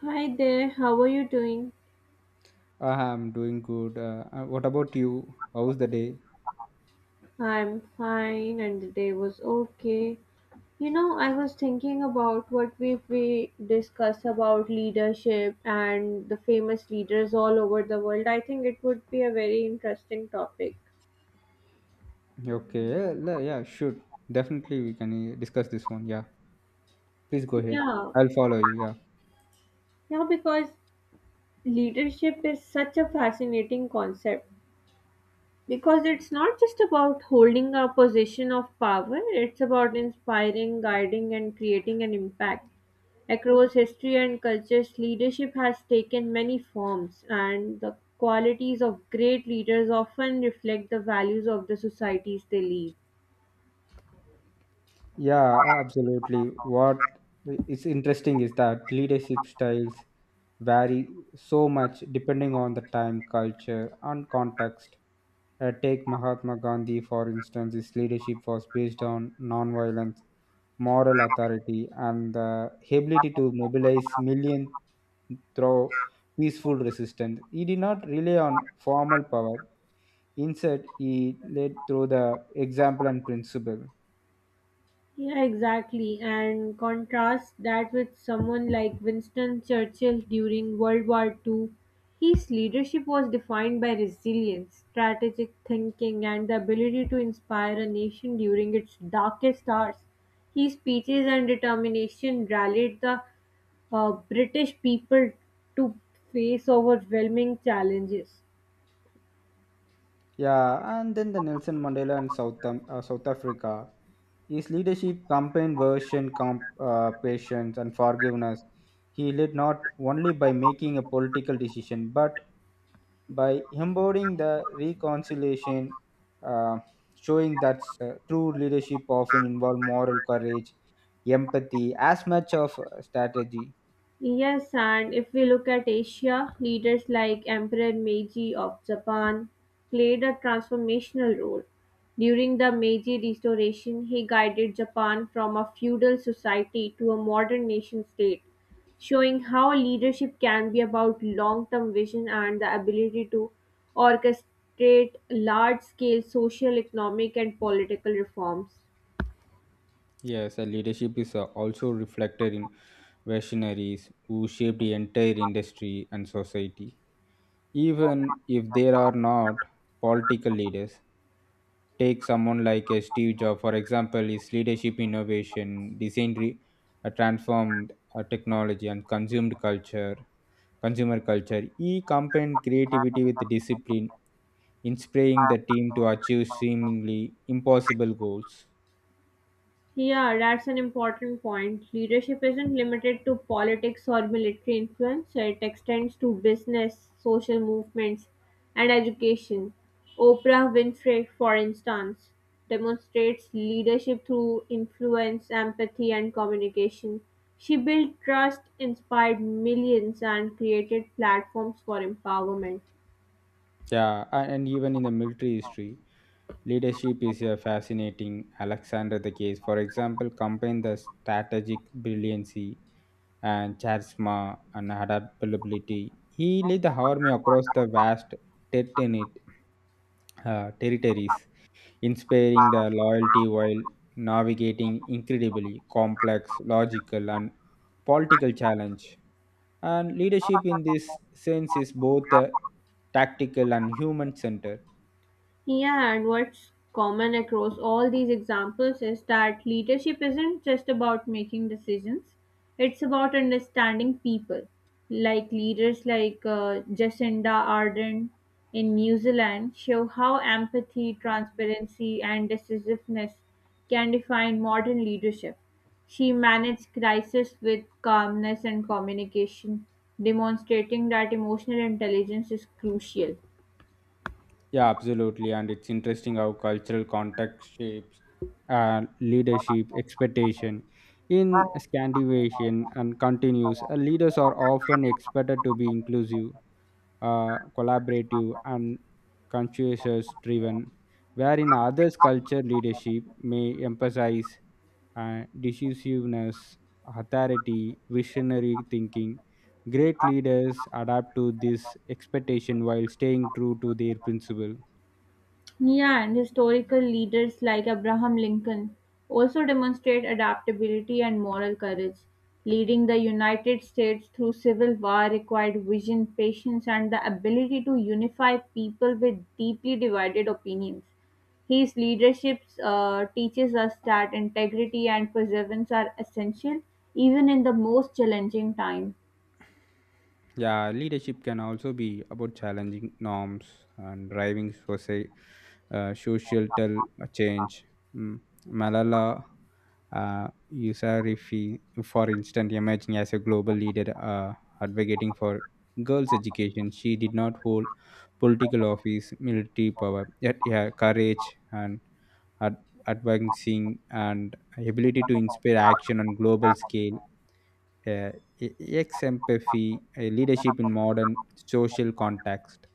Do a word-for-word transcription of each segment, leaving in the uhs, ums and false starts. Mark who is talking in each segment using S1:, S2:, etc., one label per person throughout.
S1: Hi there, how are you doing?
S2: Uh, I'm doing good. Uh, uh, what about you? How's the day?
S1: I'm fine and the day was okay. You know, I was thinking about what we we discuss about leadership and the famous leaders all over the world. I think it would be a very interesting topic.
S2: Okay, yeah, le- yeah, sure. Definitely, we can uh, discuss this one. Yeah, please go ahead.
S1: Yeah,
S2: I'll follow you. Yeah.
S1: yeah, because leadership is such a fascinating concept because it's not just about holding a position of power, it's about inspiring, guiding, and creating an impact. Across history and cultures, leadership has taken many forms, and the qualities of great leaders often reflect the values of the societies they lead.
S2: Yeah, absolutely. What is interesting is that leadership styles vary so much depending on the time, culture, and context. Uh, take Mahatma Gandhi, for instance, his leadership was based on nonviolence, moral authority, and the ability to mobilize millions through peaceful resistance. He did not rely on formal power. Instead, he led through the example and principle.
S1: Yeah, exactly. And contrast that with someone like Winston Churchill during World War Two. His leadership was defined by resilience, strategic thinking, and the ability to inspire a nation during its darkest hours. His speeches and determination rallied the uh, British people to face overwhelming challenges.
S2: Yeah, and then the Nelson Mandela and South, Am- uh, South Africa. His leadership campaign version comp, uh, patience and forgiveness. He led not only by making a political decision, but by embodying the reconciliation, uh, showing that uh, true leadership often involves moral courage, empathy, as much of uh, strategy.
S1: Yes, and if we look at Asia, leaders like Emperor Meiji of Japan played a transformational role. During the Meiji Restoration, he guided Japan from a feudal society to a modern nation state, showing how leadership can be about long term vision and the ability to orchestrate large scale social, economic, and political reforms.
S2: Yes, uh, leadership is uh, also reflected in visionaries who shaped the entire industry and society. Even if there are not political leaders. Take someone like a Steve Jobs, for example, his leadership, innovation, design re- uh, transformed uh, technology and consumed culture, consumer culture. He combined creativity with discipline, inspiring the team to achieve seemingly impossible goals.
S1: Yeah, that's an important point. Leadership isn't limited to politics or military influence, it extends to business, social movements, and education. Oprah Winfrey, for instance, demonstrates leadership through influence, empathy, and communication. She built trust, inspired millions, and created platforms for empowerment.
S2: Yeah, a- and even in the military history, leadership is a fascinating. Alexander the Case, for example, combined the strategic brilliancy and charisma and adaptability. He led the army across the vast Tetanate uh, territories, inspiring the loyalty while navigating incredibly complex logical and political challenge. And leadership in this sense is both uh, tactical and human centered.
S1: Yeah, and what's common across all these examples is that leadership isn't just about making decisions, it's about understanding people. Like leaders like uh, Jacinda Ardern in New Zealand show how empathy, transparency, and decisiveness can define modern leadership. She managed crisis with calmness and communication, demonstrating that emotional intelligence is crucial.
S2: Yeah, absolutely. And it's interesting how cultural context shapes uh, leadership expectation. In Scandinavian and continues, uh, leaders are often expected to be inclusive, uh, collaborative, and conscientious driven, where in others' culture, leadership may emphasize uh, decisiveness, authority, visionary thinking. Great leaders adapt to this expectation while staying true to their principle.
S1: Yeah, and historical leaders like Abraham Lincoln also demonstrate adaptability and moral courage. Leading the United States through civil war required vision, patience, and the ability to unify people with deeply divided opinions. His leadership uh, teaches us that integrity and perseverance are essential even in the most challenging time.
S2: Yeah, leadership can also be about challenging norms and driving soci- uh, social tel- uh, change. Mm. Malala uh, Yousafzai, for instance, emerging as a global leader uh, advocating for girls' education. She did not hold political office, military power, yet her courage and ad- advancing and ability to inspire action on global scale uh, e- ex-empathy, uh, leadership in modern social context.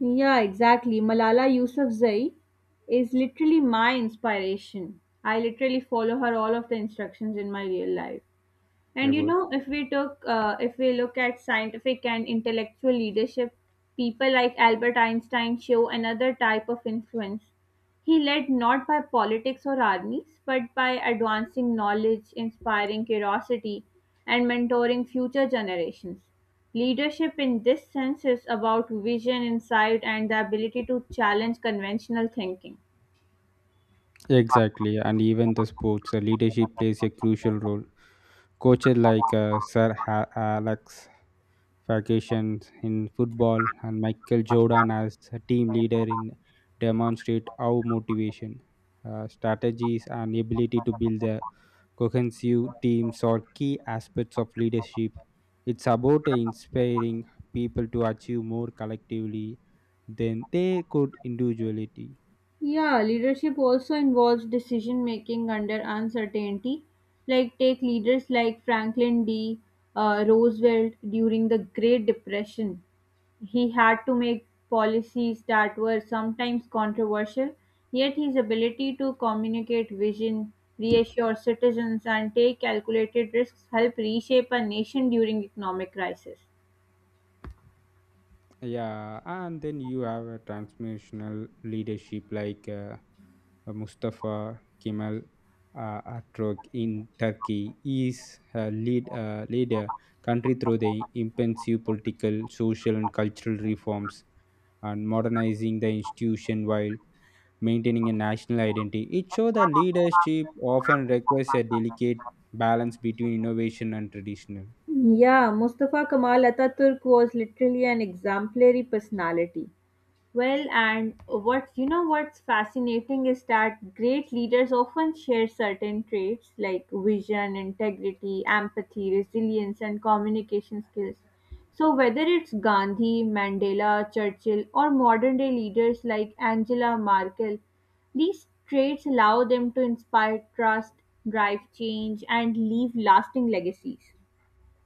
S1: Yeah, exactly. Malala Yousafzai is literally my inspiration. I literally follow her all of the instructions in my real life. And
S2: They're
S1: you
S2: good.
S1: know, if we took, uh, if we look at scientific and intellectual leadership, people like Albert Einstein show another type of influence. He led not by politics or armies, but by advancing knowledge, inspiring curiosity, and mentoring future generations. Leadership in this sense is about vision, insight, and the ability to challenge conventional thinking.
S2: Exactly, and even the sports uh, leadership plays a crucial role. Coaches like uh, Sir ha- Alex Ferguson in football and Michael Jordan as a team leader in demonstrate how motivation, uh, strategies, and ability to build a cohesive teams are key aspects of leadership. It's about inspiring people to achieve more collectively than they could individually.
S1: Yeah, leadership also involves decision making under uncertainty. Like, take leaders like Franklin D. Uh, Roosevelt during the Great Depression. He had to make policies that were sometimes controversial, yet, his ability to communicate vision, reassure citizens, and take calculated risks helped reshape a nation during economic crisis.
S2: Yeah, and then you have a transformational leadership like uh, Mustafa Kemal uh, Atatürk in Turkey. He is a lead uh, leader country through the impensive political, social, and cultural reforms and modernizing the institution while maintaining a national identity. It shows that leadership often requires a delicate balance between innovation and traditional.
S1: Yeah, Mustafa Kemal Ataturk was literally an exemplary personality. Well, and what you know what's fascinating is that great leaders often share certain traits like vision, integrity, empathy, resilience, and communication skills. So, whether it's Gandhi, Mandela, Churchill, or modern day leaders like Angela Merkel, these traits allow them to inspire trust, drive change, and leave lasting legacies.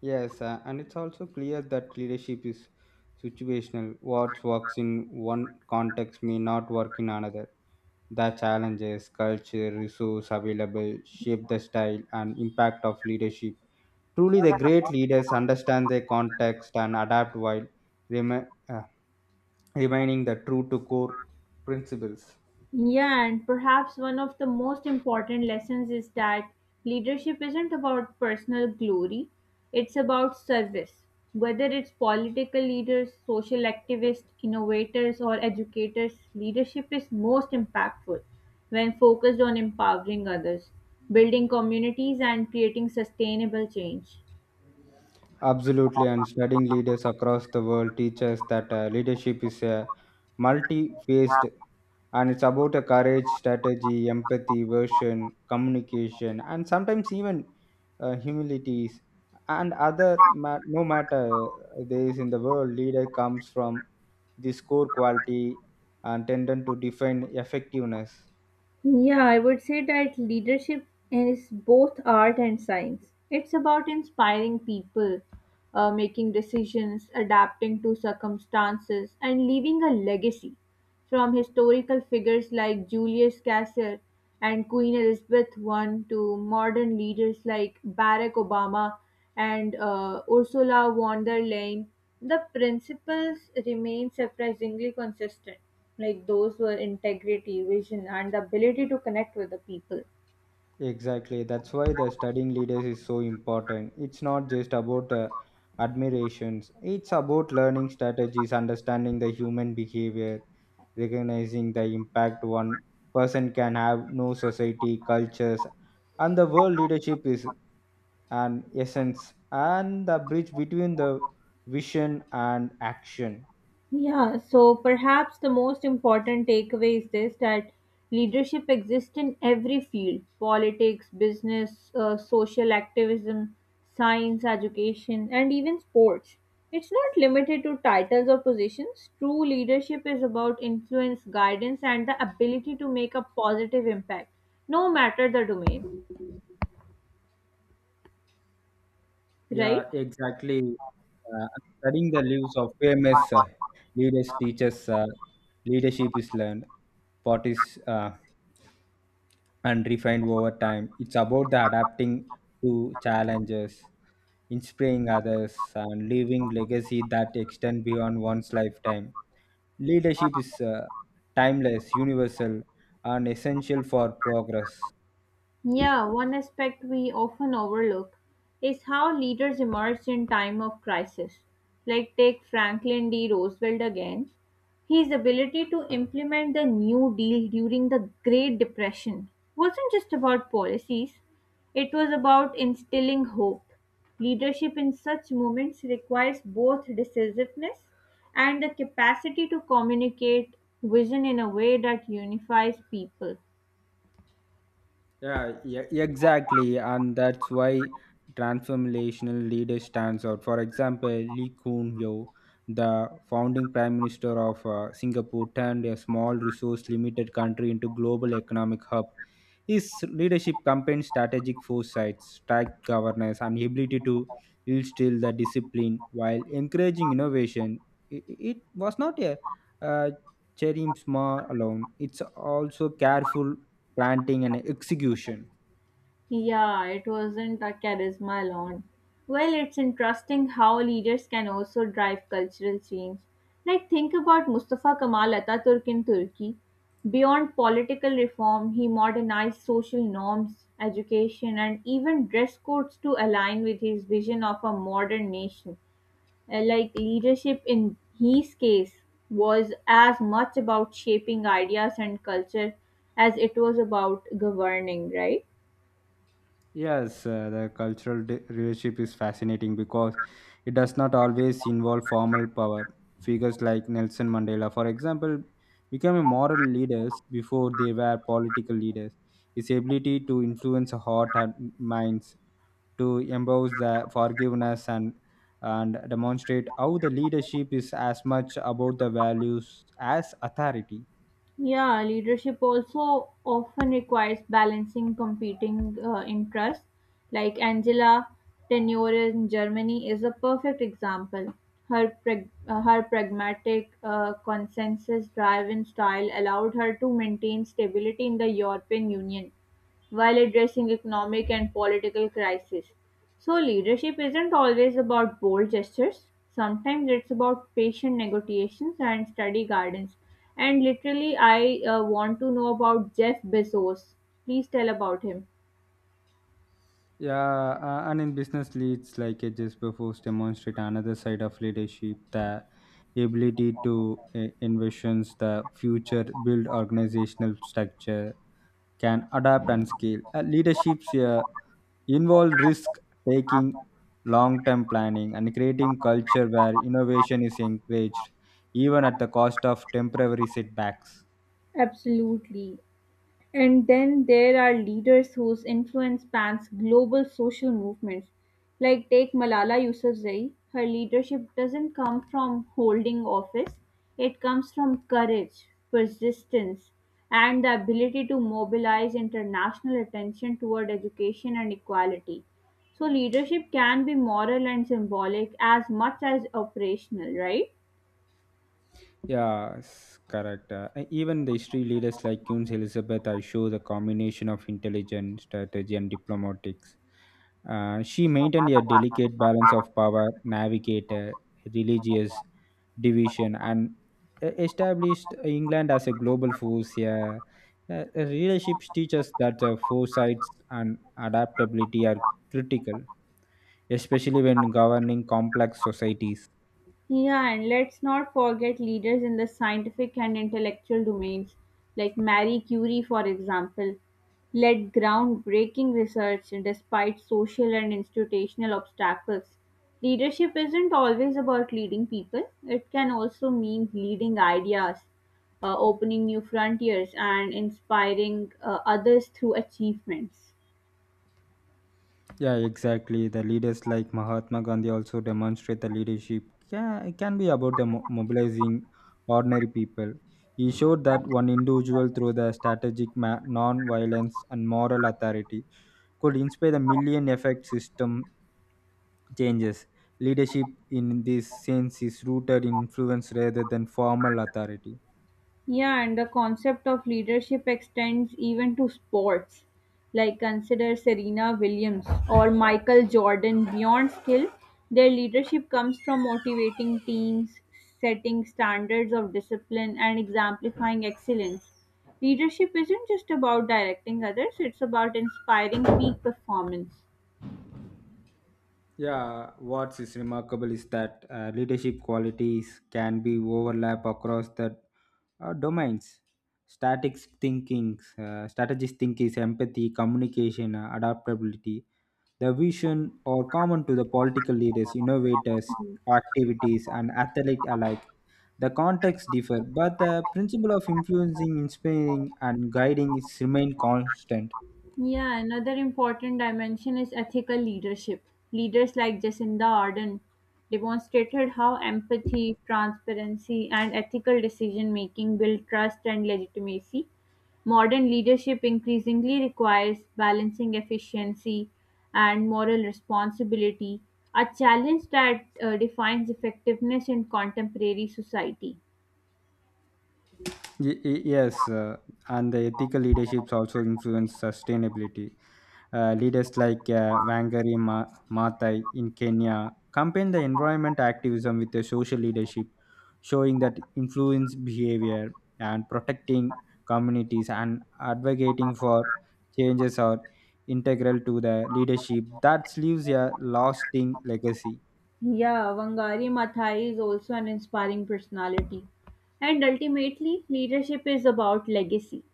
S2: Yes, uh, and it's also clear that leadership is situational. What works in one context may not work in another. The challenges, culture, resource available shape the style and impact of leadership. Truly, the great leaders understand their context and adapt while remi- uh, remaining the true to core principles.
S1: Yeah, and perhaps one of the most important lessons is that leadership isn't about personal glory, it's about service. Whether it's political leaders, social activists, innovators, or educators, leadership is most impactful when focused on empowering others, building communities, and creating sustainable change.
S2: Absolutely, and studying leaders across the world teaches that uh, leadership is uh, multi-faced, and it's about a courage, strategy, empathy, vision, communication, and sometimes even uh, humilities and other. Ma- no matter there is in the world, leader comes from this core quality and tended to define effectiveness.
S1: Yeah, I would say that leadership is both art and science. It's about inspiring people, uh, making decisions, adapting to circumstances, and leaving a legacy. From historical figures like Julius Caesar and Queen Elizabeth one to modern leaders like Barack Obama and uh, Ursula von der Leyen, the principles remain surprisingly consistent like those were integrity, vision, and the ability to connect with the people.
S2: Exactly. That's why the studying leaders is so important. It's not just about uh, admirations, it's about learning strategies, understanding the human behavior, recognizing the impact one person can have, no society, cultures, and the world leadership is an essence and the bridge between the vision and action.
S1: Yeah, so perhaps the most important takeaway is this that leadership exists in every field politics, business, uh, social activism, science, education, and even sports. It's not limited to titles or positions. True leadership is about influence, guidance, and the ability to make a positive impact, no matter the domain,
S2: Yeah,
S1: right?
S2: exactly. Uh, studying the lives of famous uh, leaders teaches uh, leadership is learned, what is uh, and refined over time. It's about the adapting to challenges, inspiring others, and leaving legacy that extend beyond one's lifetime. Leadership is uh, timeless, universal, and essential for progress.
S1: Yeah, one aspect we often overlook is how leaders emerged in time of crisis. Like take Franklin D. Roosevelt again. His ability to implement the New Deal during the Great Depression wasn't just about policies, it was about instilling hope. Leadership in such moments requires both decisiveness and the capacity to communicate vision in a way that unifies people.
S2: Yeah, yeah, exactly. And that's why transformational leader stands out. For example, Lee Kuan Yew, the founding prime minister of uh, Singapore, turned a small resource limited country into global economic hub. His leadership combined strategic foresight, strict governance, and ability to instill the discipline while encouraging innovation. It, it was not a uh, cherry small alone. It's also careful planting and execution.
S1: Yeah, it wasn't a charisma alone. Well, it's interesting how leaders can also drive cultural change. Like, think about Mustafa Kemal Ataturk in Turkey. Beyond political reform, he modernized social norms, education, and even dress codes to align with his vision of a modern nation. Uh, Like, leadership in his case was as much about shaping ideas and culture as it was about governing, right?
S2: Yes, uh, the cultural de- relationship is fascinating because it does not always involve formal power. Figures like Nelson Mandela, for example, became a moral leaders before they were political leaders. His ability to influence heart and minds to embrace the forgiveness and and demonstrate how the leadership is as much about the values as authority.
S1: Yeah, leadership also often requires balancing competing uh, interests. Like Angela Tenure in Germany is a perfect example. Her, prag- uh, her pragmatic, uh, consensus driven style allowed her to maintain stability in the European Union while addressing economic and political crises. So, leadership isn't always about bold gestures. Sometimes it's about patient negotiations and study gardens. And literally, I uh, want to know about Jeff Bezos. Please tell about him.
S2: Yeah, uh, and in business leads, like it just before demonstrate another side of leadership, the ability to uh, envisions the future, build organizational structure, can adapt and scale. Uh, leaderships uh, involve risk taking, long-term planning, and creating culture where innovation is encouraged, even at the cost of temporary setbacks.
S1: Absolutely. And then there are leaders whose influence spans global social movements. Like take Malala Yousafzai, her leadership doesn't come from holding office, it comes from courage, persistence, and the ability to mobilize international attention toward education and equality. So leadership can be moral and symbolic as much as operational, right?
S2: Yes, correct. Uh, and even the history leaders like Queen Elizabeth, I show the combination of intelligence, strategy, and diplomatics. Uh, she maintained a delicate balance of power, navigated religious division, and e- established England as a global force. Yeah, uh, uh, relationships teach us that uh, foresight and adaptability are critical, especially when governing complex societies.
S1: Yeah, and let's not forget leaders in the scientific and intellectual domains, like Marie Curie, for example, led groundbreaking research despite social and institutional obstacles. Leadership isn't always about leading people, it can also mean leading ideas, uh, opening new frontiers, and inspiring uh, others through achievements.
S2: Yeah, exactly. The leaders like Mahatma Gandhi also demonstrate the leadership can, can be about the mo- mobilizing ordinary people. He showed that one individual through the strategic ma- non-violence and moral authority could inspire the million effect system changes. Leadership in this sense is rooted in influence rather than formal authority.
S1: Yeah, and the concept of leadership extends even to sports. Like consider Serena Williams or Michael Jordan. Beyond skill, their leadership comes from motivating teams, setting standards of discipline, and exemplifying excellence. Leadership isn't just about directing others, it's about inspiring peak performance.
S2: Yeah, what is remarkable is that uh, leadership qualities can be overlap across the uh, domains. Static thinkings, uh, strategist thinkings, empathy, communication, uh, adaptability. The vision are common to the political leaders, innovators, activities, and athlete alike. The context differ, but the principle of influencing, inspiring, and guiding is remain constant.
S1: Yeah, another important dimension is ethical leadership. Leaders like Jacinda Ardern demonstrated how empathy, transparency, and ethical decision making build trust and legitimacy. Modern leadership increasingly requires balancing efficiency and moral responsibility, a challenge that uh, defines effectiveness in contemporary society.
S2: Y- y- yes, uh, and the ethical leaderships also influence sustainability. Uh, leaders like uh, Wangari Ma- Maathai in Kenya combine the environment activism with the social leadership, showing that influence behavior and protecting communities and advocating for changes are integral to the leadership that leaves a lasting legacy.
S1: Yeah, Wangari Maathai is also an inspiring personality. And ultimately, leadership is about legacy.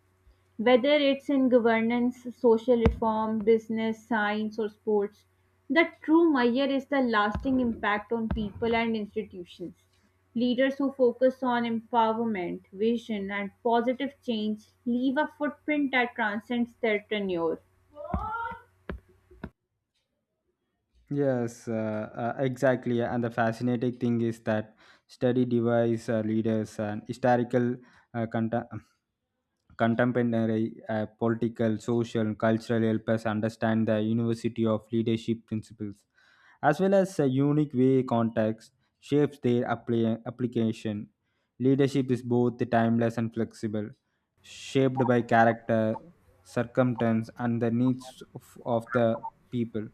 S1: Whether it's in governance, social reform, business, science, or sports, the true measure is the lasting impact on people and institutions. Leaders who focus on empowerment, vision, and positive change leave a footprint that transcends their tenure.
S2: Yes, uh, uh, exactly. And the fascinating thing is that study device uh, leaders and historical uh, contem- contemporary uh, political, social, cultural help us understand the university of leadership principles, as well as a unique way context shapes their appli- application. Leadership is both timeless and flexible, shaped by character, circumstance, and the needs of, of the people.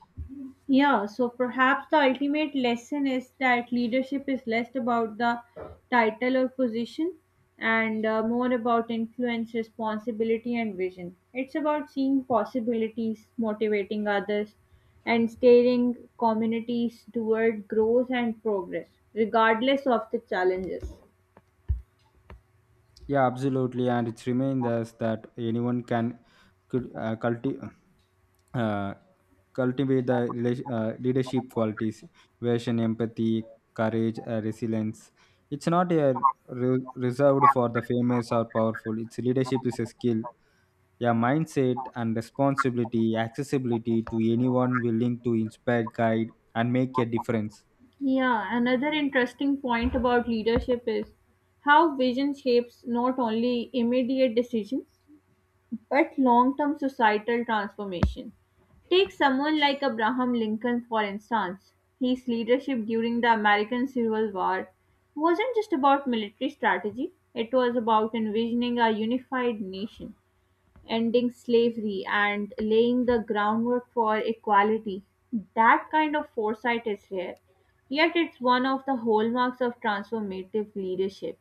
S1: Yeah, so perhaps the ultimate lesson is that leadership is less about the title or position and uh, more about influence, responsibility, and vision. It's about seeing possibilities, motivating others, and steering communities toward growth and progress, regardless of the challenges.
S2: Yeah, absolutely, and it's remained as that anyone can could uh, culti- uh, cultivate the rela- uh, leadership qualities, vision, empathy, courage, uh, resilience. It's not a re- reserved for the famous or powerful. It's leadership is a skill. Yeah, mindset and responsibility, accessibility to anyone willing to inspire, guide, and make a difference.
S1: Yeah, another interesting point about leadership is how vision shapes not only immediate decisions but long term societal transformation. Take someone like Abraham Lincoln, for instance. His leadership during the American Civil War wasn't just about military strategy, it was about envisioning a unified nation, ending slavery, and laying the groundwork for equality. That kind of foresight is rare, yet, it's one of the hallmarks of transformative leadership.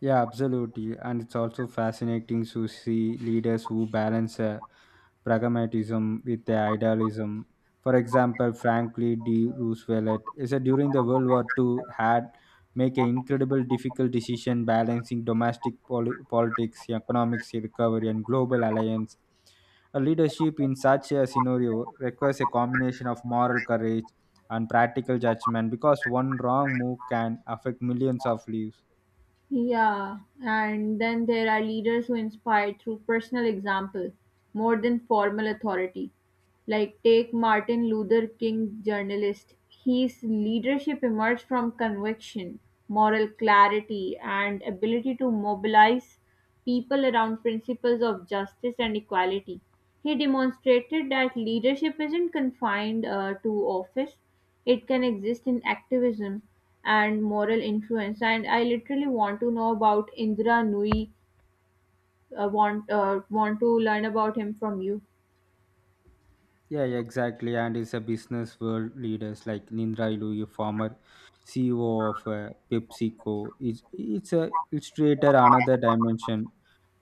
S2: Yeah, absolutely. And it's also fascinating to see leaders who balance uh, pragmatism with their idealism. For example, Franklin D. Roosevelt is that during the World War Two, had make an incredible difficult decision balancing domestic poli- politics, economics recovery, and global alliance. A leadership in such a scenario requires a combination of moral courage and practical judgment because one wrong move can affect millions of lives.
S1: Yeah, and then there are leaders who inspire through personal example more than formal authority. Like take Martin Luther King journalist, his leadership emerged from conviction, moral clarity and ability to mobilize people around principles of justice and equality. He demonstrated that leadership isn't confined uh, to office. It can exist in activism and moral influence. And I literally want to know about Indra Nui. Uh, want uh, want to learn about him from you.
S2: Yeah, yeah, exactly. And it's a business world leaders like Nindra Ilu, a former C E O of uh, PepsiCo. It's, it's a illustrator another dimension,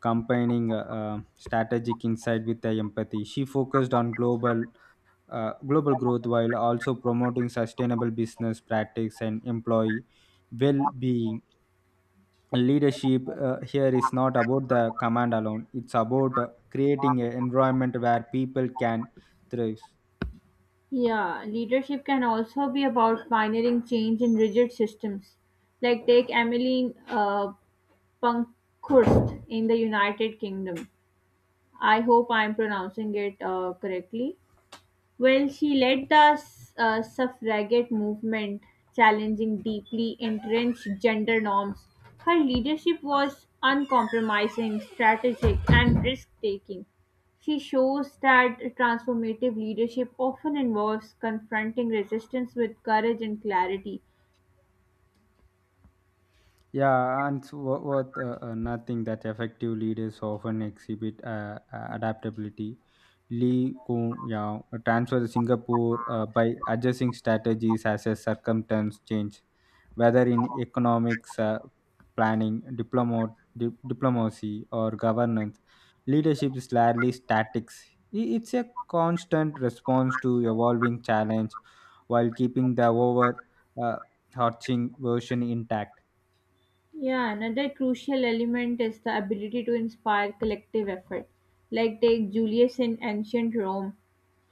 S2: combining uh, uh, strategic insight with the empathy. She focused on global uh, global growth while also promoting sustainable business practice and employee well-being. Leadership uh, here is not about the command alone. It's about uh, creating an environment where people can thrive.
S1: Yeah, leadership can also be about pioneering change in rigid systems. Like take Emmeline uh, Pankhurst in the United Kingdom. I hope I'm pronouncing it uh, correctly. Well, she led the uh, suffragette movement, challenging deeply entrenched gender norms. Her leadership was uncompromising, strategic, and risk taking. She shows that transformative leadership often involves confronting resistance with courage and clarity.
S2: Yeah, and so what, what uh, uh, nothing that effective leaders often exhibit uh, uh, adaptability. Lee Kuan Yew transferred to Singapore uh, by adjusting strategies as a circumstance change, whether in economics, uh, planning, diplomat, di- diplomacy, or governance. Leadership is largely statics. I- It's a constant response to evolving challenge while keeping the over uh, arching version intact.
S1: Yeah, another crucial element is the ability to inspire collective effort. Like, take Julius in ancient Rome.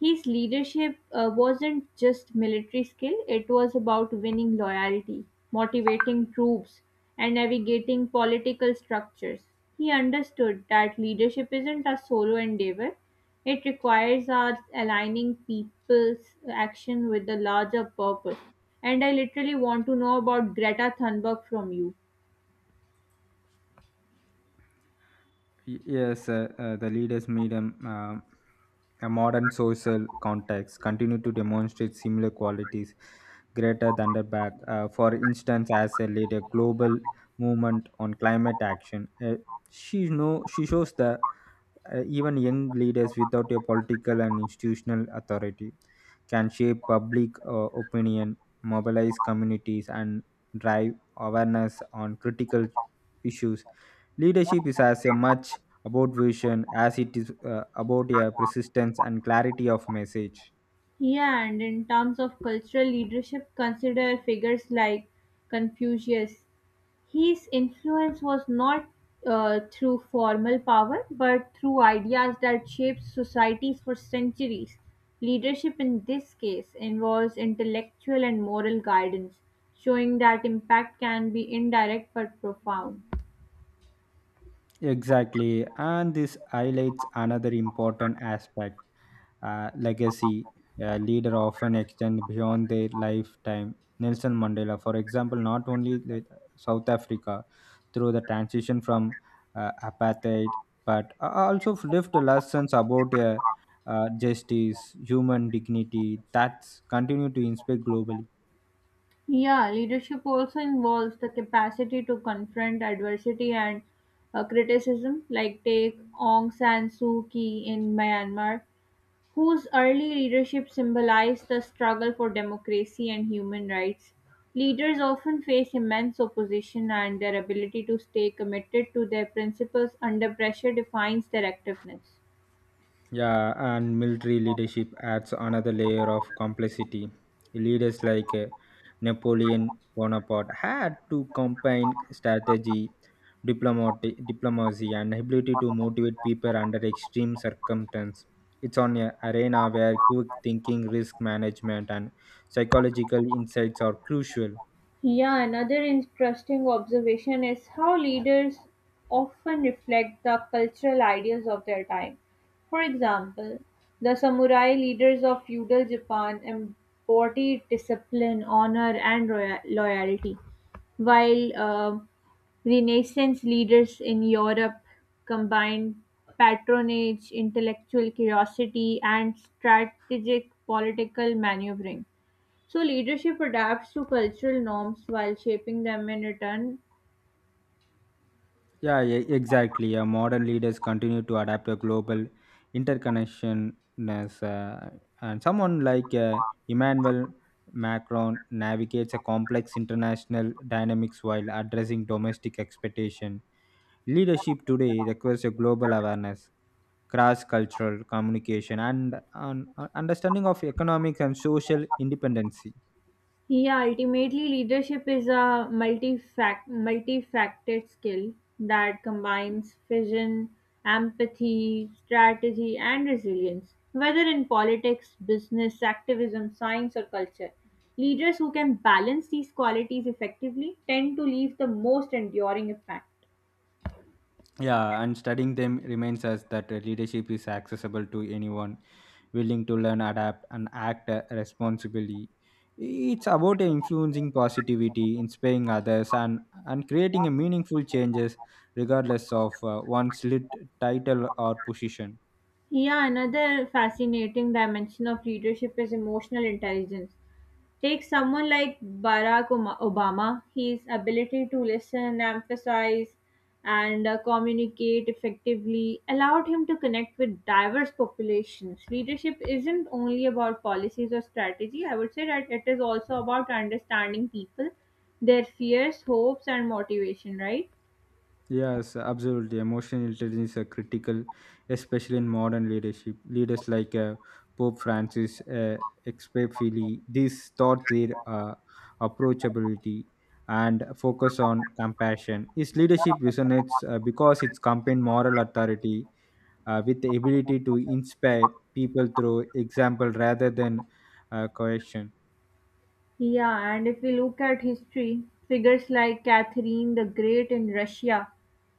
S1: His leadership uh, wasn't just military skill, it was about winning loyalty, motivating troops, and navigating political structures. He understood that leadership isn't a solo endeavor, it requires us aligning people's action with the larger purpose. And I literally want to know about Greta Thunberg from you.
S2: Y- Yes, uh, uh, the leaders made a, uh, a modern social context, continue to demonstrate similar qualities greater than the back. Uh, for instance, as a leader, global movement on climate action, uh, she know she shows the uh, even young leaders without a political and institutional authority can shape public uh, opinion, mobilize communities, and drive awareness on critical issues. Leadership is as a much about vision as it is uh, about a persistence and clarity of message.
S1: Yeah, and in terms of cultural leadership, consider figures like Confucius. His influence was not uh, through formal power, but through ideas that shaped societies for centuries. Leadership in this case involves intellectual and moral guidance, showing that impact can be indirect but profound.
S2: Exactly. And this highlights another important aspect uh, legacy. A leader often extend beyond their lifetime. Nelson Mandela, for example, not only led South Africa through the transition from uh, apartheid, but a- also left lessons about uh, uh, justice, human dignity that's continue to inspire globally.
S1: Yeah, leadership also involves the capacity to confront adversity and uh, criticism, like take Aung San Suu Kyi in Myanmar, whose early leadership symbolized the struggle for democracy and human rights. Leaders often face immense opposition, and their ability to stay committed to their principles under pressure defines their effectiveness.
S2: Yeah, and military leadership adds another layer of complexity. Leaders like uh, Napoleon Bonaparte had to combine strategy, diplomatic, diplomacy, and ability to motivate people under extreme circumstances. It's on an arena where quick thinking, risk management, and psychological insights are crucial.
S1: Yeah, another interesting observation is how leaders often reflect the cultural ideas of their time. For example, the samurai leaders of feudal Japan embodied discipline, honor, and roya- loyalty, while um Renaissance leaders in Europe combined patronage, intellectual curiosity, and strategic political maneuvering. So leadership adapts to cultural norms while shaping them in return.
S2: Yeah, e- exactly. Uh, modern leaders continue to adapt a global interconnectedness, uh, and someone like uh, Emmanuel Macron navigates a complex international dynamics while addressing domestic expectation. Leadership today requires a global awareness, cross-cultural communication, and an uh, understanding of economic and social independence.
S1: Yeah, ultimately, leadership is a multifac- multifaceted skill that combines vision, empathy, strategy, and resilience. Whether in politics, business, activism, science, or culture, leaders who can balance these qualities effectively tend to leave the most enduring impact.
S2: Yeah, and studying them reminds us that uh, leadership is accessible to anyone willing to learn adapt and act uh, responsibly. It's about influencing positivity inspiring others and and creating a meaningful changes regardless of uh, one's lit title or position.
S1: Yeah, another fascinating dimension of leadership is emotional intelligence. Take someone like Barack Oma- Obama, his ability to listen, emphasize, and uh, communicate effectively allowed him to connect with diverse populations. Leadership isn't only about policies or strategy, I would say that it is also about understanding people, their fears, hopes, and motivation, right?
S2: Yes, absolutely. Emotional intelligence is critical, especially in modern leadership. Leaders like uh, Pope Francis, uh, Fili, these taught their uh, approachability and focus on compassion. His leadership resonates uh, because it's combined moral authority uh, with the ability to inspire people through example rather than uh, coercion.
S1: Yeah, and if we look at history, figures like Catherine the Great in Russia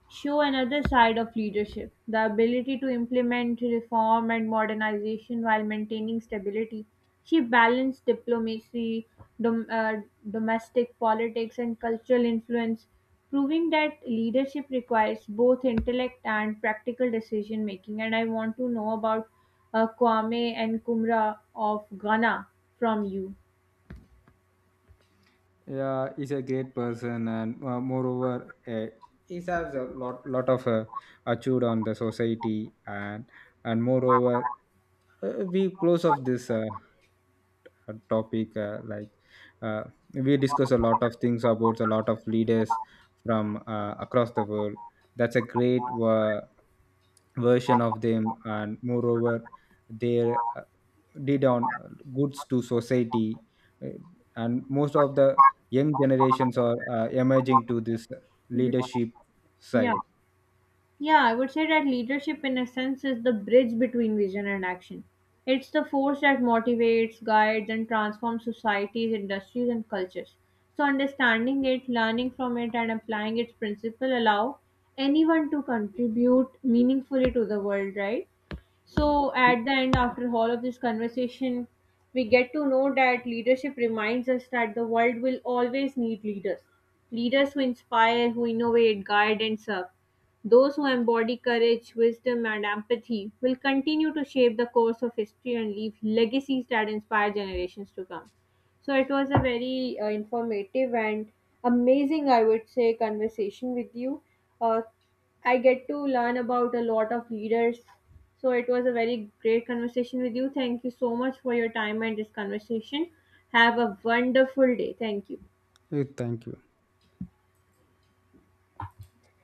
S1: show another side of leadership the ability to implement reform and modernization while maintaining stability. She balanced diplomacy, dom- uh, domestic politics, and cultural influence, proving that leadership requires both intellect and practical decision making. And I want to know about uh, Kwame and Kumra of Ghana from you.
S2: Yeah, he's a great person and uh, moreover uh, he has a lot lot of uh, achieved on the society and and moreover uh, we close off this uh, uh, topic uh, like uh, we discuss a lot of things about a lot of leaders from uh, across the world. That's a great uh, version of them and moreover they uh, did on goods to society uh, and most of the young generations are uh, emerging to this leadership
S1: Yeah.
S2: side.
S1: Yeah, I would say that leadership, in a sense, is the bridge between vision and action. It's the force that motivates, guides, and transforms societies, industries, and cultures. So, understanding it, learning from it, and applying its principle allow anyone to contribute meaningfully to the world, right? So, at the end, after all of this conversation, we get to know that leadership reminds us that the world will always need leaders. Leaders who inspire, who innovate, guide, and serve. Those who embody courage, wisdom, and empathy will continue to shape the course of history and leave legacies that inspire generations to come. So it was a very uh, informative and amazing, I would say, conversation with you. Uh, I get to learn about a lot of leaders. So it was a very great conversation with you. Thank you so much for your time and this conversation. Have a wonderful day. Thank you.
S2: Uh, thank you.